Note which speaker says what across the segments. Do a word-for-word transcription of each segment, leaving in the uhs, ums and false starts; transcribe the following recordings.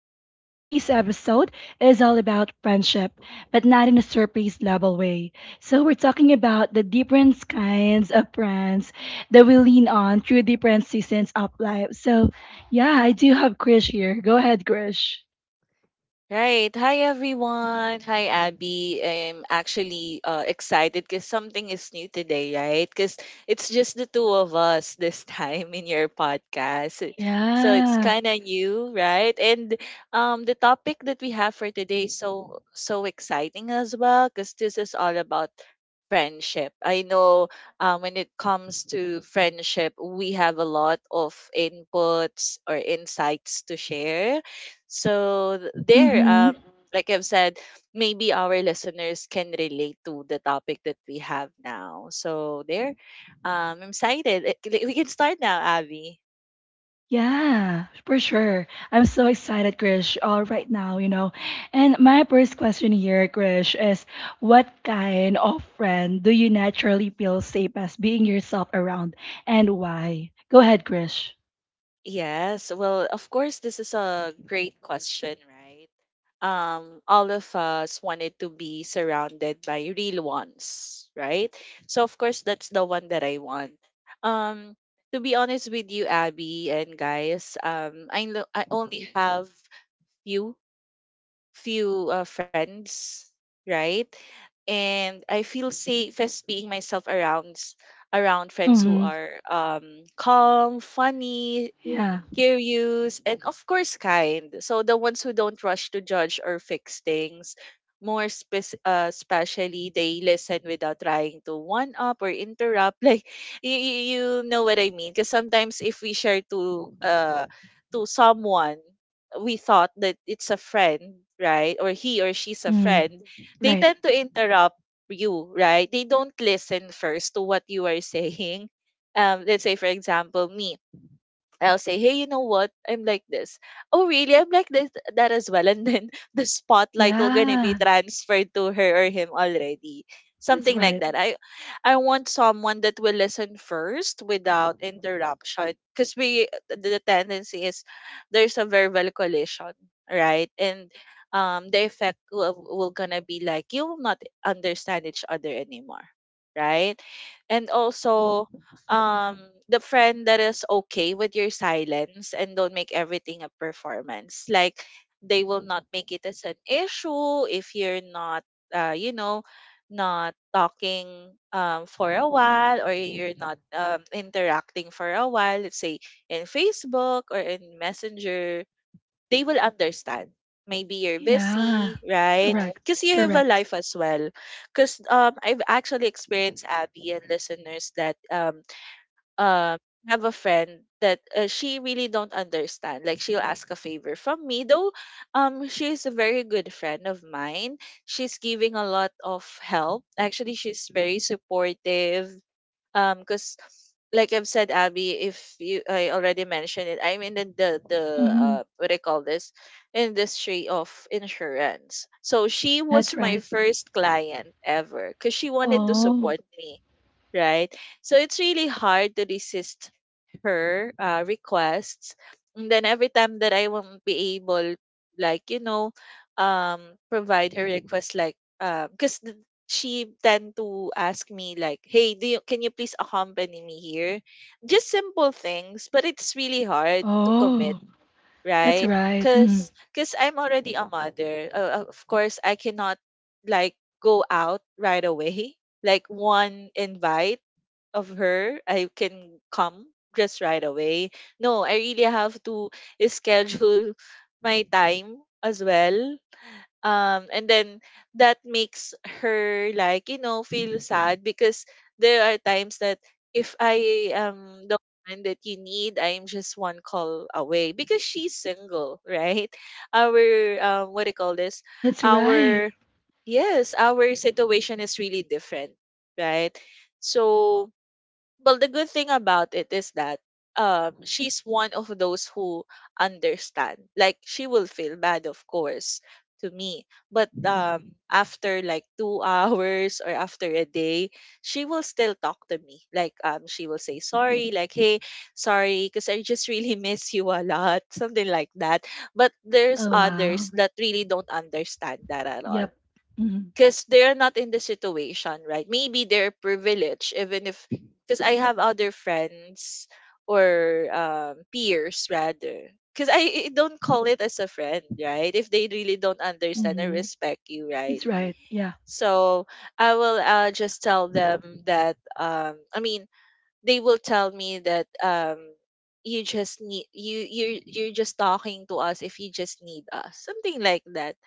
Speaker 1: Babs. Today's episode is all about friendship,
Speaker 2: Okay.
Speaker 1: but not in a surface level way. So, we're talking about the different kinds of friends that we lean on through different seasons of life. So, yeah, I do have Krish here. Go ahead, Krish.
Speaker 2: Right. Hi, everyone. Hi, Abby. I'm actually uh, excited because something is new today, right? Because it's just the two of us this time in your podcast. So it's
Speaker 1: Yeah.
Speaker 2: kind of new, right? And um, The topic that we have for today is so, so exciting as well because this is all about friendship. I know um, When it comes to friendship, we have a lot of inputs or insights to share so th- there, um,
Speaker 1: Mm.
Speaker 2: like I've said, maybe our listeners can relate to the topic that we have now. So there, um, I'm excited. Eh, like, we can start now, Abby.
Speaker 1: Yeah, for sure. I'm so excited, Krish, uh, right now, you know. And my first question here, Krish, is what kind of friend do you naturally feel safe as being yourself around and why? Go ahead, Krish.
Speaker 2: Yes. Well, of course, this is a great question, right? Um, all of us wanted to be surrounded by real ones, right? So of course, that's the one that I want. Um, to be honest with you, Abby and guys, um, I lo- I only have few few uh, friends, right? And I feel safest being myself around s- around friends who
Speaker 1: Mm-hmm.
Speaker 2: are um, calm, funny,
Speaker 1: Yeah.
Speaker 2: curious, and of course kind. So the ones who don't rush to judge or fix things, more spec- uh, especially they listen without trying to one up or interrupt. Like you, you you know what I mean? Because sometimes if we share to uh to someone we thought that it's a friend, right? Or he or she's a
Speaker 1: Mm.
Speaker 2: friend, they
Speaker 1: Right.
Speaker 2: tend to interrupt you, right? They don't listen first to what you are saying. Um, let's say for example, me. I'll say, hey, you know what? I'm like this. Oh, really? I'm like this, that as well. And then the spotlight will gonna be
Speaker 1: Yeah.
Speaker 2: transferred to her or him already.
Speaker 1: That's
Speaker 2: Something like
Speaker 1: right.
Speaker 2: that. I, I want someone that will listen first without interruption. Because we, the tendency is there's a verbal collision, right? And um, the effect will, will gonna be like you will not understand each other anymore, right? And also, um the friend that is okay with your silence and don't make everything a performance, like they will not make it as an issue if you're not uh you know not talking um for a while, or you're not um interacting for a while, let's say in Facebook or in Messenger, they will understand. Maybe you're
Speaker 1: Yeah.
Speaker 2: busy, right?
Speaker 1: Correct,
Speaker 2: Because you have a
Speaker 1: correct.
Speaker 2: life as well. Because um I've actually experienced, Abby and listeners, that um um have a friend that uh, she really don't understand, like she'll ask a favor from me though um she's a very good friend of mine, she's giving a lot of help, actually she's very supportive. Um because, like I've said, Abby, if you, I already mentioned it, I'm in the the, the
Speaker 1: Mm-hmm.
Speaker 2: uh what do you call this, industry of insurance. So she
Speaker 1: That's
Speaker 2: was my
Speaker 1: right.
Speaker 2: first client ever because she wanted to
Speaker 1: Oh.
Speaker 2: support me, right? So it's really hard to resist her uh, requests. And then every time that I won't be able, like, you know, um, provide her request, like, because she tend to ask me, like, hey, do you, can you please accompany me here? Just simple things, but it's really hard to commit,
Speaker 1: Oh. That's
Speaker 2: right?
Speaker 1: right. Mm.
Speaker 2: Because because 'cause I'm already a mother. Uh, of course, I cannot, like, go out right away like one invite of her, I can come just right away. No, I really have to schedule my time as well. Um, and then that makes her like, you know, feel sad because there are times that if I am the one that you need, I am just one call away because she's single, right? Our, um, what do you call this?
Speaker 1: That's right.
Speaker 2: Our, yes, our situation is really different, right? So, well, the good thing about it is that um she's one of those who understand. Like she will feel bad, of course, to me. But um after like two hours or after a day, she will still talk to me. Like um she will say sorry, like, hey, sorry, because I just really miss you a lot, something like that. But there's
Speaker 1: Oh, wow.
Speaker 2: others that really don't understand that at all
Speaker 1: Yep. Mm-hmm.
Speaker 2: because they're not in the situation, right? Maybe they're privileged, even if, because I have other friends or um, peers rather. Because I, I don't call it as a friend, right? If they really don't understand or
Speaker 1: Mm-hmm.
Speaker 2: respect you, right?
Speaker 1: That's right. Yeah.
Speaker 2: So I will uh, just tell them that, um, I mean, they will tell me that um, you just need, you, you you're, you're just talking to us if you just need us, something like that.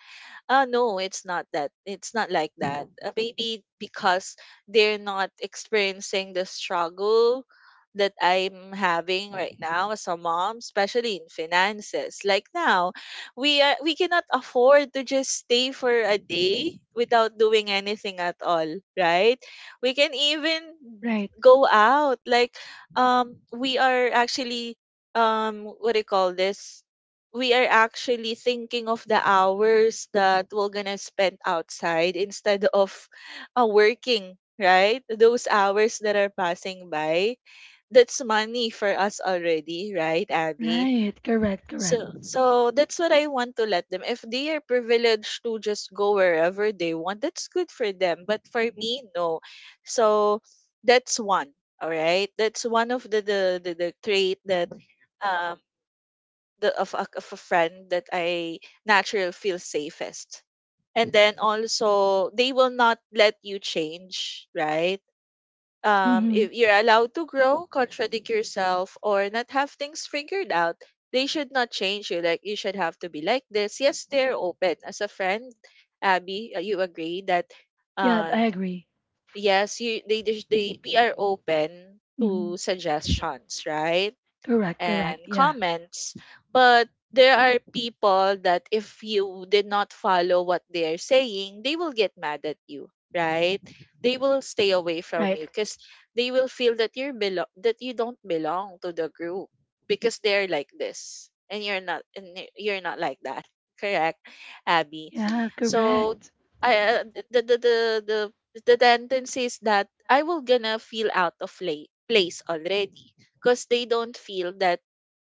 Speaker 2: uh, No, it's not that. It's not like that. Uh, maybe because they're not experiencing the struggle that I'm having right now as a mom, especially in finances. Like now, we are, we cannot afford to just stay for a day without doing anything at all, right? We can even
Speaker 1: Right,
Speaker 2: go out. Like um we are actually um what do you call this? We are actually thinking of the hours that we're gonna spend outside instead of uh, working, right, those hours that are passing by, that's money for us already, right, Abby?
Speaker 1: right. Correct, correct.
Speaker 2: So so that's what I want to let them, if they are privileged to just go wherever they want, that's good for them, but for me, no. So that's one, all right, that's one of the the the, the trait that um the of a, of a friend that I naturally feel safest. And then also they will not let you change, right? Um,
Speaker 1: Mm-hmm.
Speaker 2: if you're allowed to grow, contradict yourself, or not have things figured out, they should not change you. Like you should have to be like this. Yes, they're open as a friend. Abby, uh, you agree that
Speaker 1: Yeah, I
Speaker 2: um
Speaker 1: agree.
Speaker 2: yes, you they they they- we are open
Speaker 1: Mm-hmm.
Speaker 2: to suggestions, right?
Speaker 1: Correct, correct.
Speaker 2: And
Speaker 1: Yeah.
Speaker 2: comments. But there are people that if you did not follow what they are saying, they will get mad at you, right? They will stay away from
Speaker 1: Right.
Speaker 2: you because they will feel that you're belo- that you don't belong to the group because they're like this and you're not and y- you're not like that. Correct, Abby.
Speaker 1: Yeah.
Speaker 2: So
Speaker 1: Correct.
Speaker 2: I uh, the, the the the the tendency is that I will gonna feel out of pla- place already because they don't feel that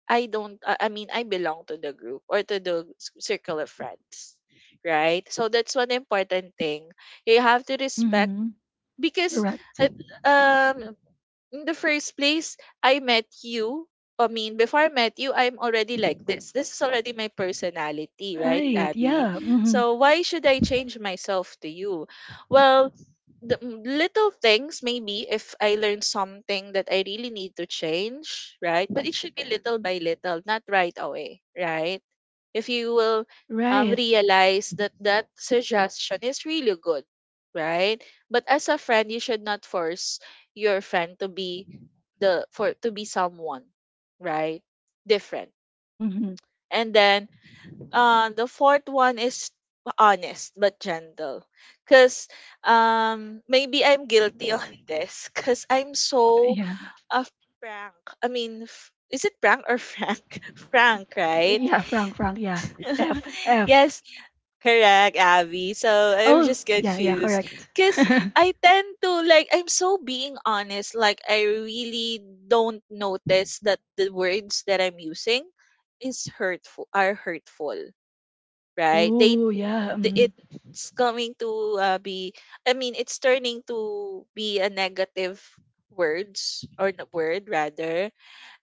Speaker 2: I don't uh, I mean I belong to the group or to the s- circle of friends, right? So that's one important thing. You have to respect,
Speaker 1: Mm-hmm.
Speaker 2: because
Speaker 1: Correct.
Speaker 2: it, um in the first place, I met you. I mean, before I met you, I'm already like this. This is already my personality, right,
Speaker 1: Right.
Speaker 2: Abby?
Speaker 1: Yeah. Mm-hmm.
Speaker 2: So why should I change myself to you? Well, the m- little things, maybe if I learn something that I really need to change, right? But it should be little by little, not right away, right? If you will um,
Speaker 1: Right.
Speaker 2: realize that that suggestion is really good, right? But as a friend, you should not force your friend to be the for to be someone, right? Different.
Speaker 1: Mm-hmm.
Speaker 2: And then uh, the fourth one is honest but gentle, because um maybe I'm guilty on this, because I'm
Speaker 1: Right.
Speaker 2: so
Speaker 1: Yeah.
Speaker 2: a frank. I mean. F- is it prank or frank? Frank, right?
Speaker 1: Yeah. Frank. Frank. Yeah. F. F.
Speaker 2: Yes, correct, Abby. So I'm
Speaker 1: Oh.
Speaker 2: just
Speaker 1: Yeah, yeah.
Speaker 2: confused
Speaker 1: Correct.
Speaker 2: because I tend to like I'm so being honest. Like I really don't notice that the words that I'm using is hurtful, are hurtful, right? They
Speaker 1: Oh. Yeah.
Speaker 2: th-
Speaker 1: Mm.
Speaker 2: it's coming to uh, be. I mean, it's turning to be a negative words or n- word rather,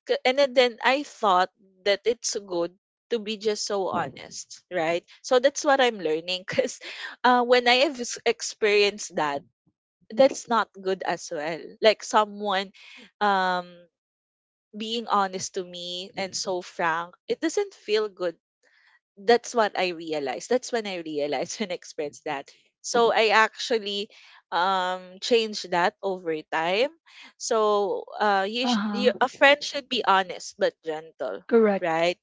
Speaker 2: K- and then, then I thought that it's good to be just so honest, right? So that's what I'm learning, because uh, when I have s- experienced that, that's not good as well. Like someone um, being honest to me and so frank, it doesn't feel good, that's what I realized. That's when I realized when I experienced that. So I actually um changed that over time. So uh you,
Speaker 1: Uh
Speaker 2: sh- you,
Speaker 1: huh.
Speaker 2: a friend should be honest but gentle,
Speaker 1: Correct.
Speaker 2: right?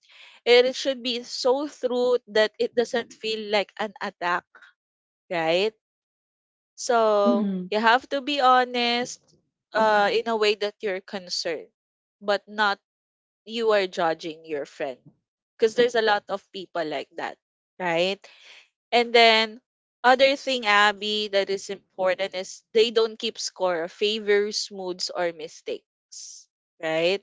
Speaker 2: It should be so true that it doesn't feel like an attack, right? So
Speaker 1: Mm-hmm.
Speaker 2: you have to be honest uh in a way that you're concerned but not you are judging your friend, because there's a lot of people like that, right? And then other thing, Abby, that is important is they don't keep score of favors, moods, or mistakes. Right?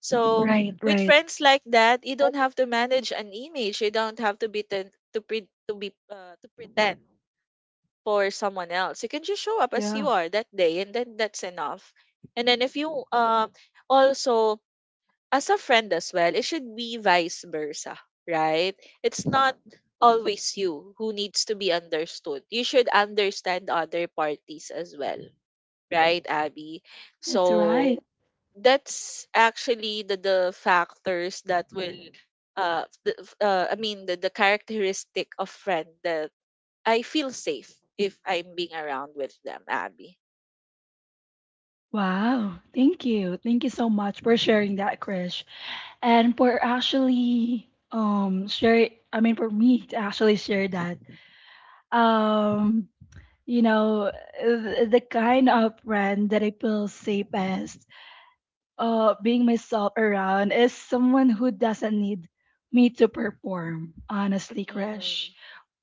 Speaker 2: So
Speaker 1: Right,
Speaker 2: with
Speaker 1: right.
Speaker 2: friends like that, you don't have to manage an image. You don't have to be ten- to pre- to be uh, to pretend for someone else. You can just show up as
Speaker 1: Yeah.
Speaker 2: you are that day, and then that's enough. And then if you um also as a friend as well, it should be vice versa, right? It's not always you who needs to be understood. You should understand other parties as well, right, Abby?
Speaker 1: That's
Speaker 2: So
Speaker 1: right.
Speaker 2: that's actually the, the factors that will uh, the, uh I mean the, the characteristic of friend that I feel safe if I'm being around with them, Abby.
Speaker 1: Wow, thank you. Thank you so much for sharing that, Krish. And for actually um share I mean for me to actually share that. Um, you know, the, the kind of friend that I feel safest uh being myself around is someone who doesn't need me to perform, honestly, Krish.
Speaker 2: Mhm.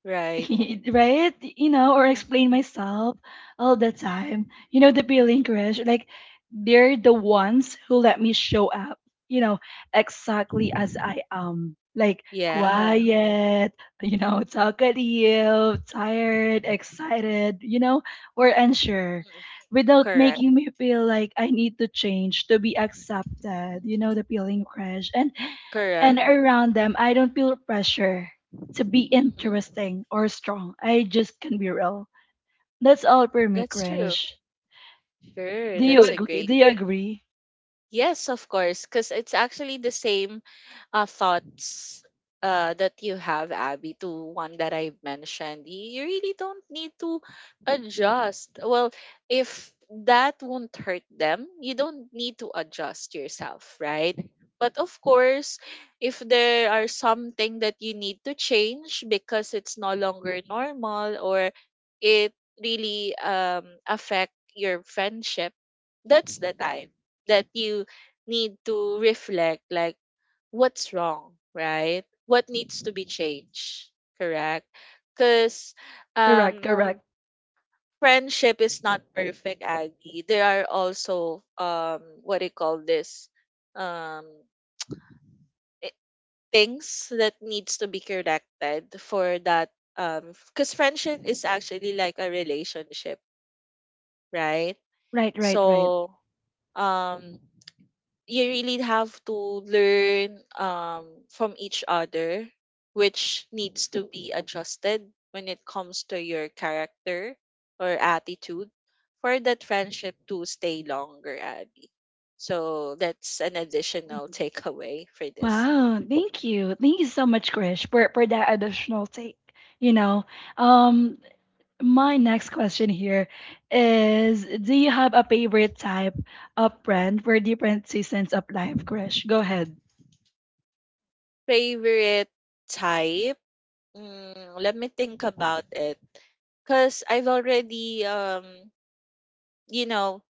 Speaker 2: Right.
Speaker 1: Right? You know, or
Speaker 2: Mhm.
Speaker 1: explain myself all the time. You know, the feeling, crush. Like, they're the ones who let me show up, you know, exactly as I am. Like,
Speaker 2: Yeah.
Speaker 1: quiet, you know, talkative, tired, excited, you know, or unsure
Speaker 2: Mm,
Speaker 1: without
Speaker 2: Correct.
Speaker 1: making me feel like I need to change to be accepted, you know, the feeling, crush. And,
Speaker 2: Correct.
Speaker 1: and around them, I don't feel pressure to be interesting or strong. I just can be real. That's all for me,
Speaker 2: That's true.
Speaker 1: Krish.
Speaker 2: Sure,
Speaker 1: Do you
Speaker 2: that's a
Speaker 1: agree?
Speaker 2: great.
Speaker 1: Do you agree?
Speaker 2: Yes, of course, because it's actually the same uh, thoughts uh, that you have, Abby, to one that I've mentioned. You really don't need to adjust. Well, if that won't hurt them, you don't need to adjust yourself, right? But of course, if there are something that you need to change because it's no longer normal or it really um, affect your friendship, that's the time that you need to reflect like what's wrong, right? What needs to be changed, correct? Because
Speaker 1: Correct,
Speaker 2: um,
Speaker 1: correct.
Speaker 2: friendship is not perfect, Aggie. There are also um, what do you call this? Um, i- Things that needs to be corrected for that. Um, because friendship is actually like a relationship, right?
Speaker 1: Right, right, right.
Speaker 2: So um you really have to learn um, from each other, which needs to be adjusted when it comes to your character or attitude for that friendship to stay longer, Abby. So that's an additional
Speaker 1: Mhm.
Speaker 2: takeaway for this.
Speaker 1: Wow, thank you. Thank you so much, Krish, for, for that additional take. You know, um, my next question here is, do you have a favorite type of friend for different seasons of life, Krish? Go ahead.
Speaker 2: Favorite type? Mm, let me think about it. Cause I've already um you know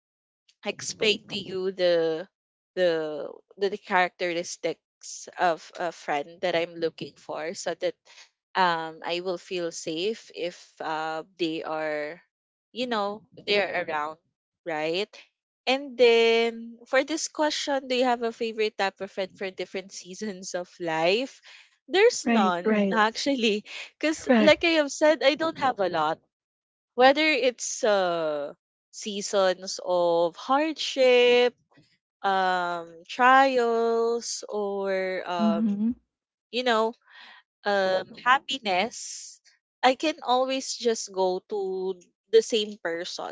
Speaker 2: explain to you the the the, the characteristics of a friend that I'm looking for so that um I will feel safe if uh they are you know they're around, right? And then for this question, do you have a favorite type of friend for different seasons of life? There's
Speaker 1: Right,
Speaker 2: none,
Speaker 1: right.
Speaker 2: actually, because
Speaker 1: Correct.
Speaker 2: like I have said, I don't have a lot, whether it's uh seasons of hardship, um trials, or um
Speaker 1: Mm-hmm.
Speaker 2: you know, um happiness. I can always just go to the same person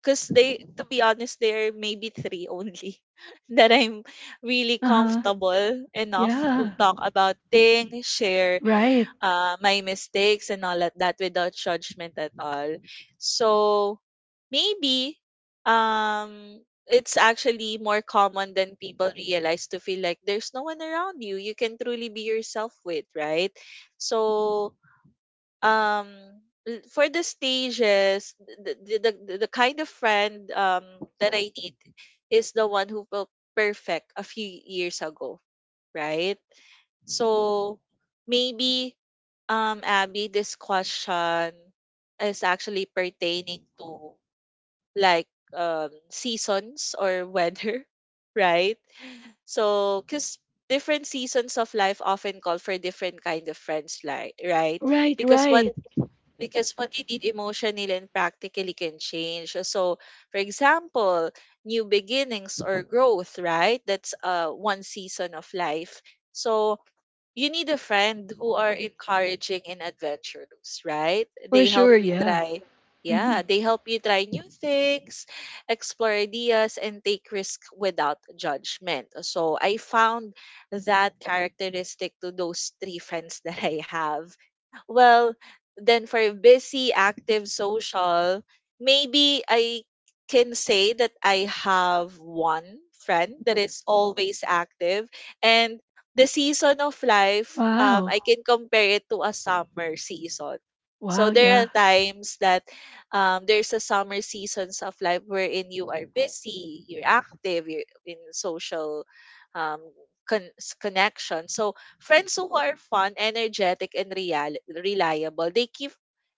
Speaker 2: because they, to be honest, there are maybe three only that I'm really
Speaker 1: Uh-huh.
Speaker 2: comfortable enough to
Speaker 1: Yeah.
Speaker 2: talk about things, share
Speaker 1: Right.
Speaker 2: uh, my mistakes and all of that without judgment at all. So maybe um, it's actually more common than people realize to feel like there's no one around you you can truly be yourself with, right? So um, l- for the stages, the, the, the, the kind of friend um, that I need is the one who felt perfect a few years ago, right? So maybe, um, Abby, this question is actually pertaining to like um, seasons or weather, right? So, because different seasons of life often call for different kind of friends, like, right?
Speaker 1: Right,
Speaker 2: Because what
Speaker 1: right.
Speaker 2: because what you need emotionally and practically can change. So, for example, new beginnings or growth, right? That's uh one season of life. So you need a friend who are encouraging and adventurous, right?
Speaker 1: For
Speaker 2: They
Speaker 1: sure,
Speaker 2: help you
Speaker 1: yeah.
Speaker 2: try.
Speaker 1: Hmm.
Speaker 2: Yeah, they help you try new things, explore ideas, and take risk without judgment. So I found that characteristic to those three friends that I have. Well, then for busy, active, social, maybe I can say that I have one friend that is always active. And the season of life, um, I
Speaker 1: Wow.
Speaker 2: can compare it to a summer season.
Speaker 1: Wow,
Speaker 2: So there are
Speaker 1: yeah.
Speaker 2: times that um, there's a summer seasons of life wherein you are busy, you're active, you're in social um, con- s- connection. So friends who are fun, energetic, and real- reliable, they keep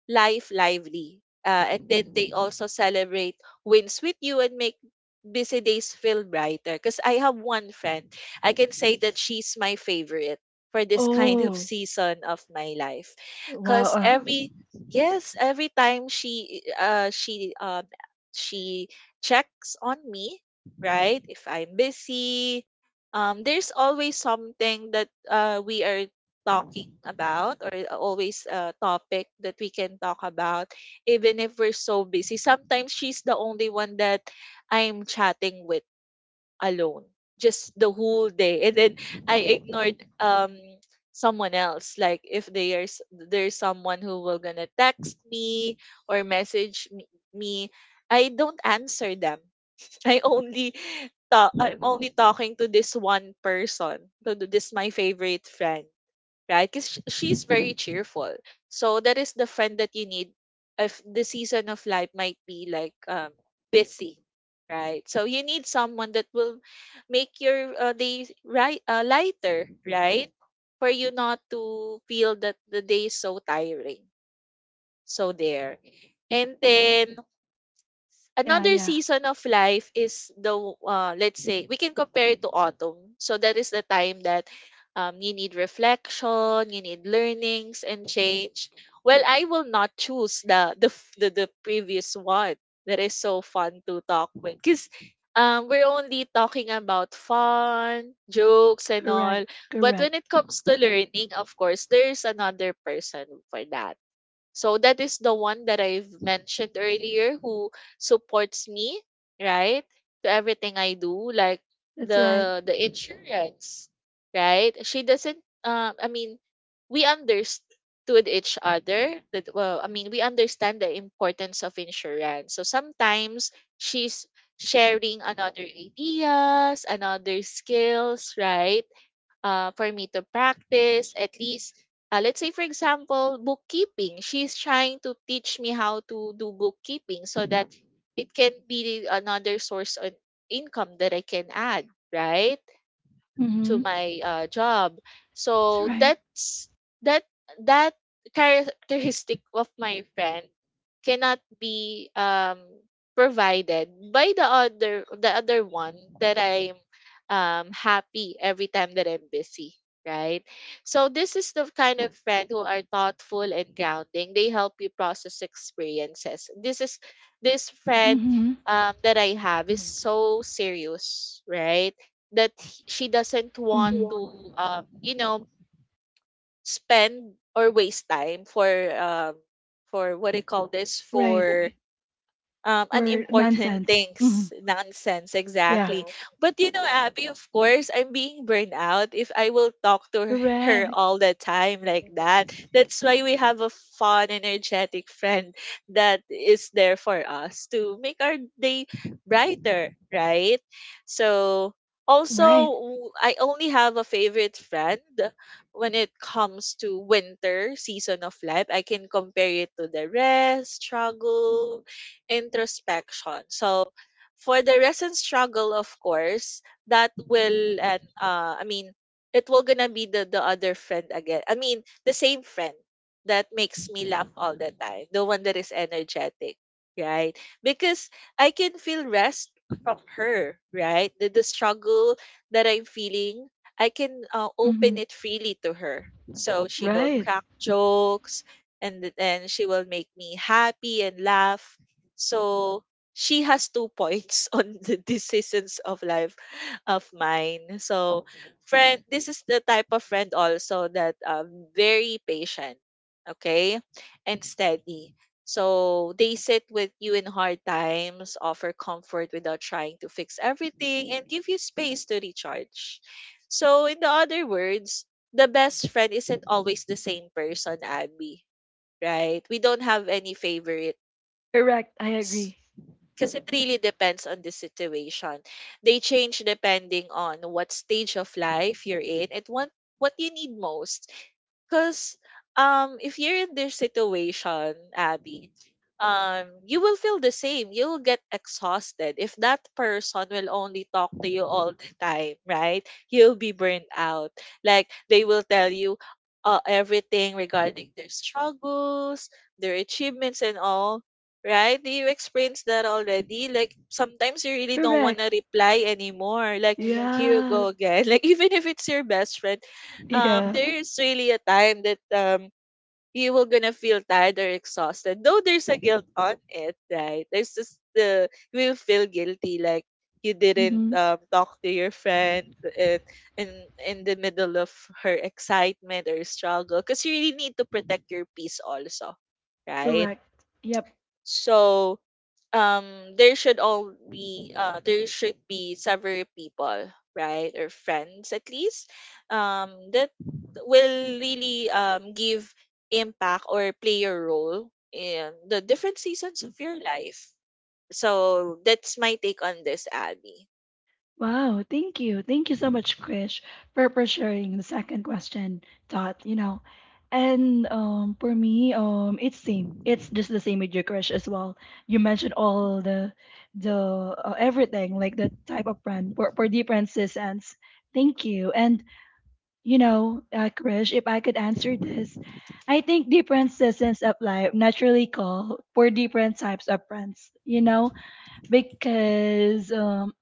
Speaker 2: life lively. Uh, and then they also celebrate wins with you and make busy days feel brighter. Because I have one friend, I can say that she's my favorite for this kind of
Speaker 1: Oh,
Speaker 2: season of my life.
Speaker 1: wow.
Speaker 2: Because
Speaker 1: Uh,
Speaker 2: every Yes, every time she uh she um she checks on me, right? If I'm busy, um, there's always something that uh we are talking about, or always a topic that we can talk about even if we're so busy. Sometimes she's the only one that I'm chatting with alone just the whole day, and then I ignored um someone else. Like if there's there's someone who will gonna text me or message me, me, I don't answer them. I only talk I'm only talking to this one person, to th- this, my favorite friend, right? Because she's very cheerful. So that is the friend that you need if the season of life might be like um busy, right? So you need someone that will make your uh, day, right, uh, lighter, right? For you not to feel that the day is so tiring. So there. And then
Speaker 1: yeah,
Speaker 2: another
Speaker 1: yeah.
Speaker 2: season of life is the uh, let's say we can compare it to autumn. So that is the time that um, you need reflection, you need learnings and change. Well, I will not choose the the f- the, the previous one that is so fun to talk with because um, we're only talking about fun jokes and
Speaker 1: Correct,
Speaker 2: all. But
Speaker 1: correct.
Speaker 2: when it comes to learning, of course there's another person for that. So that is the one that I've mentioned earlier, who supports me, right? To everything I do, like
Speaker 1: That's right.
Speaker 2: the the insurance, right? She doesn't um I mean we understood each other that well. I mean, we understand the importance of insurance. So sometimes she's sharing another ideas, another skills, right? Uh, for me to practice, at least, uh, let's say for example bookkeeping. She's trying to teach me how to do bookkeeping so that it can be another source of income that I can add, right, to
Speaker 1: Mm-hmm.
Speaker 2: my uh, job.
Speaker 1: That's
Speaker 2: So
Speaker 1: right.
Speaker 2: that's that that characteristic of my friend cannot be um provided by the other the other one that I'm um happy every time that I'm busy, right? So this is the kind of friend who are thoughtful and grounding. They help you process experiences. This is this friend
Speaker 1: Mm-hmm.
Speaker 2: um that I have is so serious, right? That h- she doesn't want
Speaker 1: Mm-hmm.
Speaker 2: to um you know spend or waste time for um for what do you call this
Speaker 1: Right,
Speaker 2: for
Speaker 1: right.
Speaker 2: um,
Speaker 1: For
Speaker 2: unimportant
Speaker 1: nonsense. Mm-hmm.
Speaker 2: things, nonsense,
Speaker 1: Yeah.
Speaker 2: exactly. But you know, Abby, of course, I'm being burned out if I will talk to her
Speaker 1: Correct.
Speaker 2: all the time like that. That's why we have a fun, energetic friend that is there for us to make our day brighter, right? So, also,
Speaker 1: Right.
Speaker 2: w- I only have a favorite friend when it comes to winter season of life. I can compare it to the rest, struggle, introspection. So for the recent struggle, of course, that will, and uh, I mean, it will gonna be the the other friend again. I mean, the same friend that makes me laugh all the time, the one that is energetic, right? Because I can feel rest from her, right? The the struggle that I'm feeling, I can uh, open
Speaker 1: Mm-hmm.
Speaker 2: it freely to her. So she will
Speaker 1: Right.
Speaker 2: crack jokes, and then she will make me happy and laugh. So she has two points on the decisions of life of mine. So friend, this is the type of friend also that um very patient, okay, and steady. So they sit with you in hard times, offer comfort without trying to fix everything, and give you space to recharge. So in the other words, the best friend isn't always the same person, Abby. Right? We don't have any favorites
Speaker 1: Correct, I agree.
Speaker 2: because it really depends on the situation. They change depending on what stage of life you're in and what what you need most. Because um, if you're in this situation, Abby, um, you will feel the same. You'll get exhausted if that person will only talk to you all the time, right? You'll be burnt out. Like they will tell you uh, everything regarding their struggles, their achievements, and all. Right? Do you experience that already? Like sometimes you really don't want
Speaker 1: Correct.
Speaker 2: to reply anymore. Like here you
Speaker 1: Yeah.
Speaker 2: go again. Like even if it's your best friend, um,
Speaker 1: Yeah.
Speaker 2: there is really a time that um, you will gonna feel tired or exhausted. Though there's a guilt on it, right? There's just the you will feel guilty like you didn't
Speaker 1: Mm-hmm.
Speaker 2: um, talk to your friend in, in in the middle of her excitement or struggle, because you really need to protect your peace also, right?
Speaker 1: Correct. Yep.
Speaker 2: So um there should all be uh there should be several people, right, or friends at least um that will really um give impact or play a role in the different seasons of your life. So that's my take on this, Abby.
Speaker 1: Wow, thank you. Thank you so much, Krish, for, for sharing the second question thought, you know. And um for me, um it's same. It's just the same with you, Krish, as well. You mentioned all the the uh, everything, like the type of brand for, for different cis ends. Thank you. And you know, uh, Krish, if I could answer this, I think different seasons of life naturally call for different types of friends. You know, because um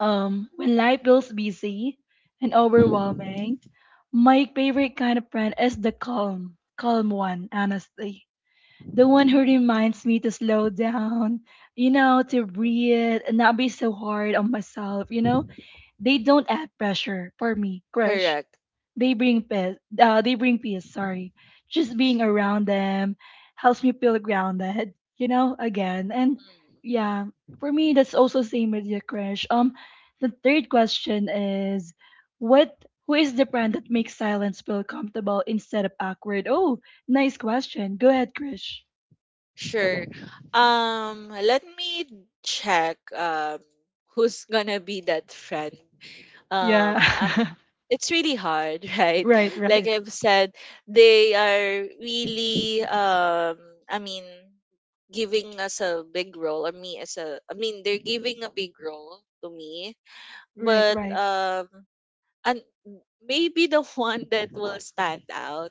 Speaker 1: um, when life feels busy and
Speaker 2: Mm, mm,
Speaker 1: overwhelming, my favorite kind of friend is the calm, calm one, honestly. The one who reminds me to slow down, you know, to
Speaker 2: mm.
Speaker 1: breathe and not be so hard on myself, you know? They don't add pressure for me, Krish.
Speaker 2: Correct.
Speaker 1: They bring peace. Uh, they bring peace. Sorry, just being around them helps me feel grounded. You know, again, and yeah, for me that's also same with your crush. Um, the third question is, what? Who is the brand that makes silence feel comfortable instead of awkward? Oh, nice question. Go ahead, Krish.
Speaker 2: Sure. Um, let me check um who's gonna be that friend. Um,
Speaker 1: Yeah.
Speaker 2: I'm It's really hard, right?
Speaker 1: Right,
Speaker 2: Like
Speaker 1: right.
Speaker 2: I've said, they are really um I mean giving us a big role, or me as a I mean they're giving a big role to me,
Speaker 1: Right.
Speaker 2: but
Speaker 1: Right.
Speaker 2: um and maybe the one that will stand out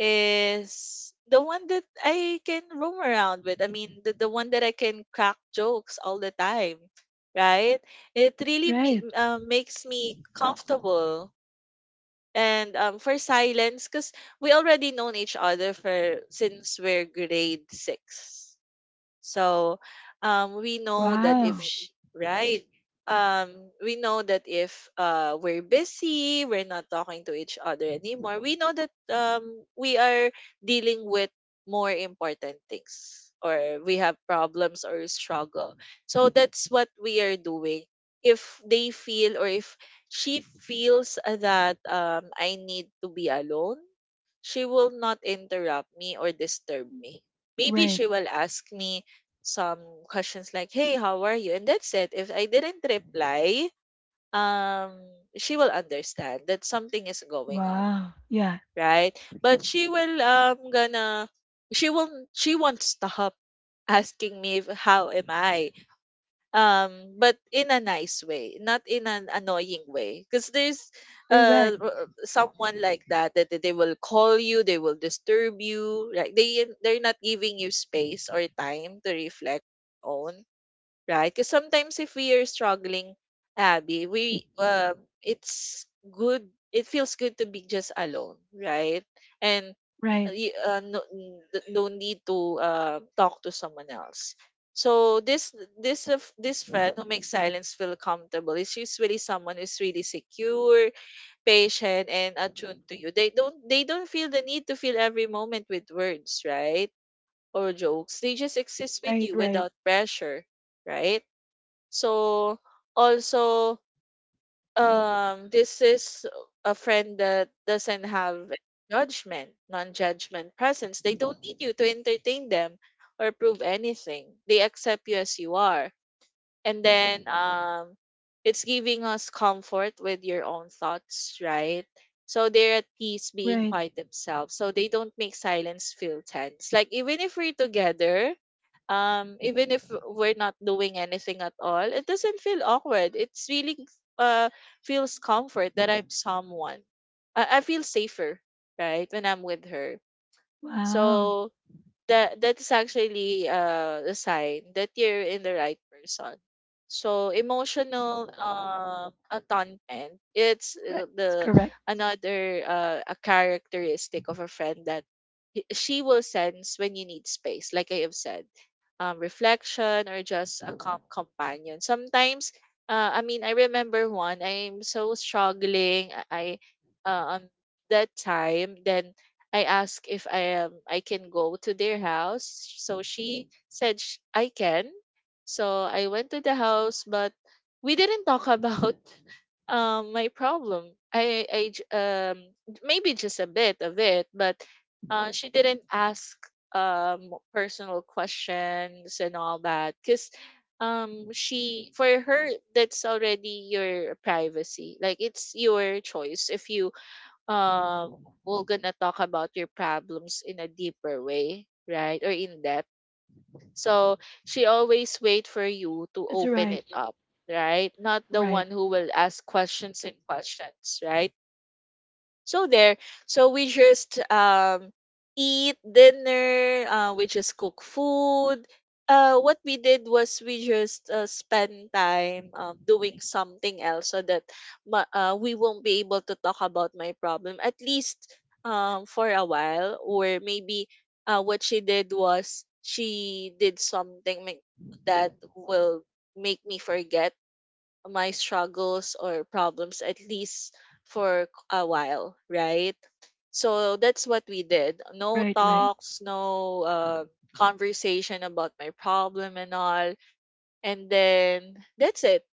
Speaker 2: is the one that I can roam around with. I mean, the, the one that I can crack jokes all the time, right? It really me,
Speaker 1: Right.
Speaker 2: uh, makes me comfortable. And um, for silence, because we already known each other for since we're grade six, so um, we know that if
Speaker 1: Wow.
Speaker 2: sh right, um, we know that if uh, we're busy, we're not talking to each other anymore. We know that um, we are dealing with more important things, or we have problems or struggle. So that's what we are doing. If they feel or if she feels that um, I need to be alone, she will not interrupt me or disturb me. Maybe
Speaker 1: Right.
Speaker 2: she will ask me some questions like, "Hey, how are you?" And that's it. If I didn't reply, um, she will understand that something is going on,
Speaker 1: Wow. Yeah.
Speaker 2: right? But she will um gonna she will not she won't stop asking me if, how am I, um, but in a nice way, not in an annoying way, because there's uh
Speaker 1: Correct.
Speaker 2: r- someone like that that they will call you, they will disturb you, like they they're not giving you space or time to reflect own, right? Because sometimes if we are struggling, Abby, we um it's good. It feels good to be just alone, right? And uh,
Speaker 1: Right.
Speaker 2: y- uh, no, n- th- no need to uh, talk to someone else. So this this of- this friend who makes silence feel comfortable is usually someone who's really secure, patient, and attuned to you. They don't they don't feel the need to fill every moment with words, right? Or jokes. They just exist with
Speaker 1: Right.
Speaker 2: you
Speaker 1: Right.
Speaker 2: without pressure, right? So also, um this is a friend that doesn't have judgment, non-judgment presence. They don't need you to entertain them or prove anything. They accept you as you are, and then um it's giving us comfort with your own thoughts, right? So they're at peace being
Speaker 1: Right.
Speaker 2: quite themselves, so they don't make silence feel tense. Like, even if we're together, um even if we're not doing anything at all, it doesn't feel awkward. It's really, uh feels comfort that i'm someone i, I feel safer right when I'm with her.
Speaker 1: Wow.
Speaker 2: So that, that is actually, uh, a sign that you're in the right person. So emotional um atonement, it's,
Speaker 1: Right.
Speaker 2: uh,
Speaker 1: It's
Speaker 2: the
Speaker 1: correct.
Speaker 2: another, uh, a characteristic of a friend that he- she will sense when you need space, like I have said, um, reflection or just a calm companion. Sometimes, uh, I mean, I remember one. I'm so struggling. I, I uh, um that time then I asked if I um I can go to their house. So she said sh- I can. So I went to the house, but we didn't talk about um my problem. I I j- um maybe just a bit of it, but uh, she didn't ask um personal questions and all that, because um she for her, that's already your privacy. Like, it's your choice if you um we're gonna talk about your problems in a deeper way, right, or in depth. So she always wait for you to
Speaker 1: It's
Speaker 2: open
Speaker 1: right.
Speaker 2: it up, right, not the
Speaker 1: Right.
Speaker 2: one who will ask questions and questions, right? So there, so we just um eat dinner, uh, we just cook food. Uh, what we did was we just, uh, spend time, um, doing something else, so that ma- uh, we won't be able to talk about my problem, at least um for a while. Or maybe, uh, what she did was she did something ma- that will make me forget my struggles or problems, at least for a while, right? So that's what we did. No
Speaker 1: Right. Right.
Speaker 2: talks, no uh, conversation about my problem and all. And then that's it,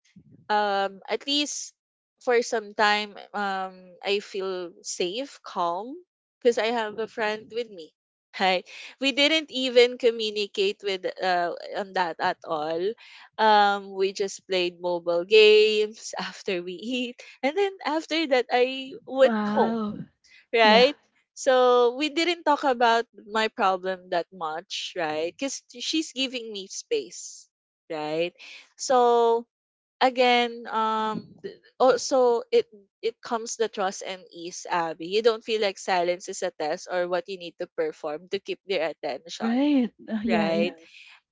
Speaker 2: um at least for some time, um I feel safe, calm, because I have a friend with me. Right. We didn't even communicate with uh on that at all. Um, we just played mobile games after we eat, and then after that I went home,
Speaker 1: Wow. Yeah.
Speaker 2: right? So we didn't talk about my problem that much, right? Cuz she's giving me space, right? So again, um, th- also it it comes the trust and ease, Abby. You don't feel like silence is a test or what you need to perform to keep their attention,
Speaker 1: Right. Uh, yeah,
Speaker 2: right?
Speaker 1: yeah.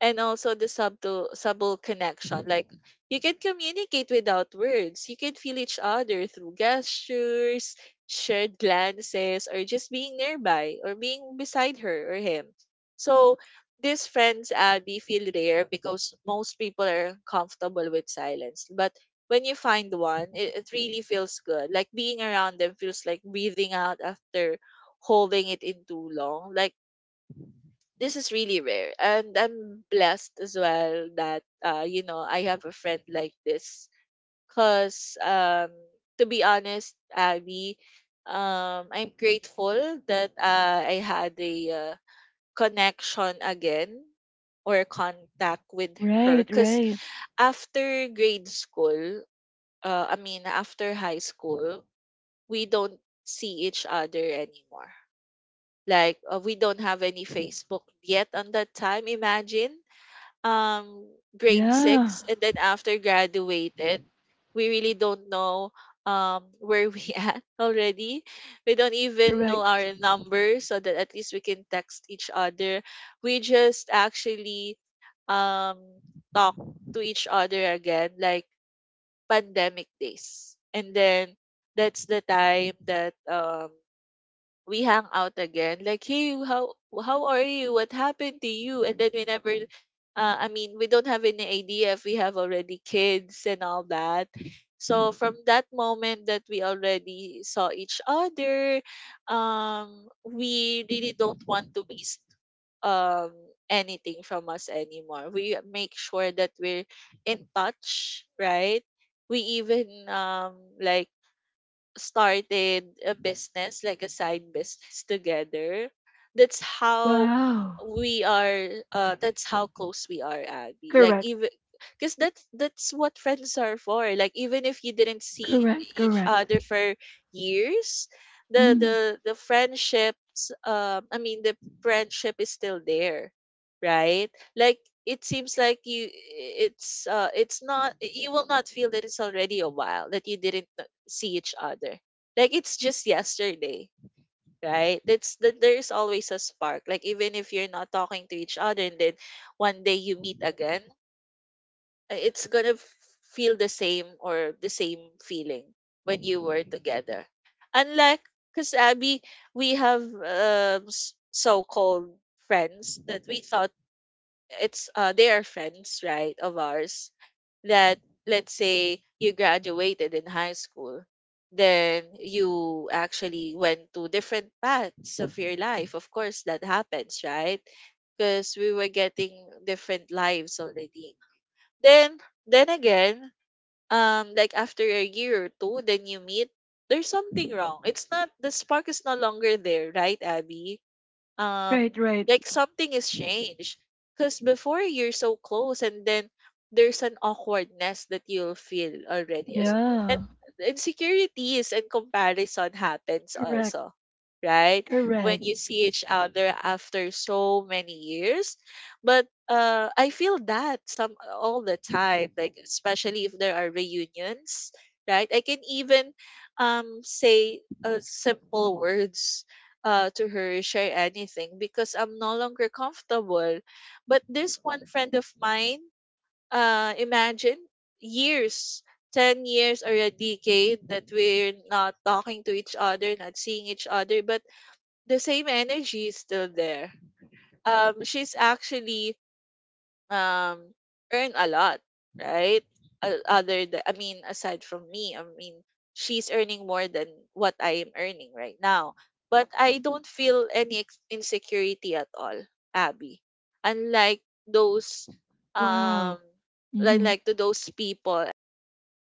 Speaker 2: And also the subtle subtle connection. Like, you can communicate without words. You can feel each other through gestures, shared glances, or just being nearby, or being beside her or him. So these friends, Abby, feel rare, because most people are comfortable with silence, but when you find one, it, it really feels good. Like, being around them feels like breathing out after holding it in too long. Like, this is really rare, and I'm blessed as well that, uh, you know, I have a friend like this, because um, to be honest, Abby, um, I'm grateful that, uh, I had a, uh, connection again or contact with her,
Speaker 1: Right,
Speaker 2: because
Speaker 1: right.
Speaker 2: after grade school, uh, I mean after high school, we don't see each other anymore. Like, uh, we don't have any Facebook yet on that time, imagine. Um, grade
Speaker 1: Yeah.
Speaker 2: six, and then after graduated, we really don't know um where we at already. We don't even know
Speaker 1: Correct.
Speaker 2: our numbers, so that at least we can text each other. We just actually, um talk to each other again, like pandemic days, and then that's the time that um we hang out again. Like, hey, how how are you? What happened to you? And then we never, uh, I mean, we don't have any idea if we have already kids and all that. So from that moment that we already saw each other, um, we really don't want to miss um anything from us anymore. We make sure that we're in touch, right? We even um like started a business, like a side business together. That's how
Speaker 1: Wow.
Speaker 2: we are uh that's how close we are, Abby. Like,
Speaker 1: Correct,
Speaker 2: even because that's that's what friends are for. Like, even if you didn't see
Speaker 1: correct,
Speaker 2: each
Speaker 1: correct.
Speaker 2: other for years, the
Speaker 1: Mm.
Speaker 2: the the friendships, um I mean the friendship is still there, right? Like, it seems like you it's uh it's not, you will not feel that it's already a while that you didn't n- see each other. Like, it's just yesterday, right? That's that, there's always a spark. Like, even if you're not talking to each other, and then one day you meet again, uh, it's gonna f- feel the same, or the same feeling when you were together. Unlike, because Abby, we have um s so-called friends that we thought it's uh they are friends, right, of ours, that, let's say you graduated in high school, then you actually went to different paths of your life. Of course that happens, right? Because we were getting different lives already. then then again, um like after a year or two, then you meet, there's something wrong. It's not, the spark is no longer there, right, Abby? Um,
Speaker 1: Right, right.
Speaker 2: like something is changed, because before you're so close, and then there's an awkwardness that you'll feel already, as,
Speaker 1: Yeah.
Speaker 2: and insecurities and comparison happens
Speaker 1: Correct,
Speaker 2: also, right, when
Speaker 1: correct.
Speaker 2: you see each other after so many years. But uh I feel that some all the time, like especially if there are reunions, right. I can even, um say uh, simple words, uh, to her, share anything because I'm no longer comfortable. But this one friend of mine, uh, imagine years, ten years or a decade that we're not talking to each other, not seeing each other, but the same energy is still there. Um, she's actually, um, earn a lot, right? O- Other than, I mean, aside from me, I mean, she's earning more than what I am earning right now. But I don't feel any ex- insecurity at all, Abby. Unlike those,
Speaker 1: Wow.
Speaker 2: um, like,
Speaker 1: Mm-hmm.
Speaker 2: like to those people, I am starting.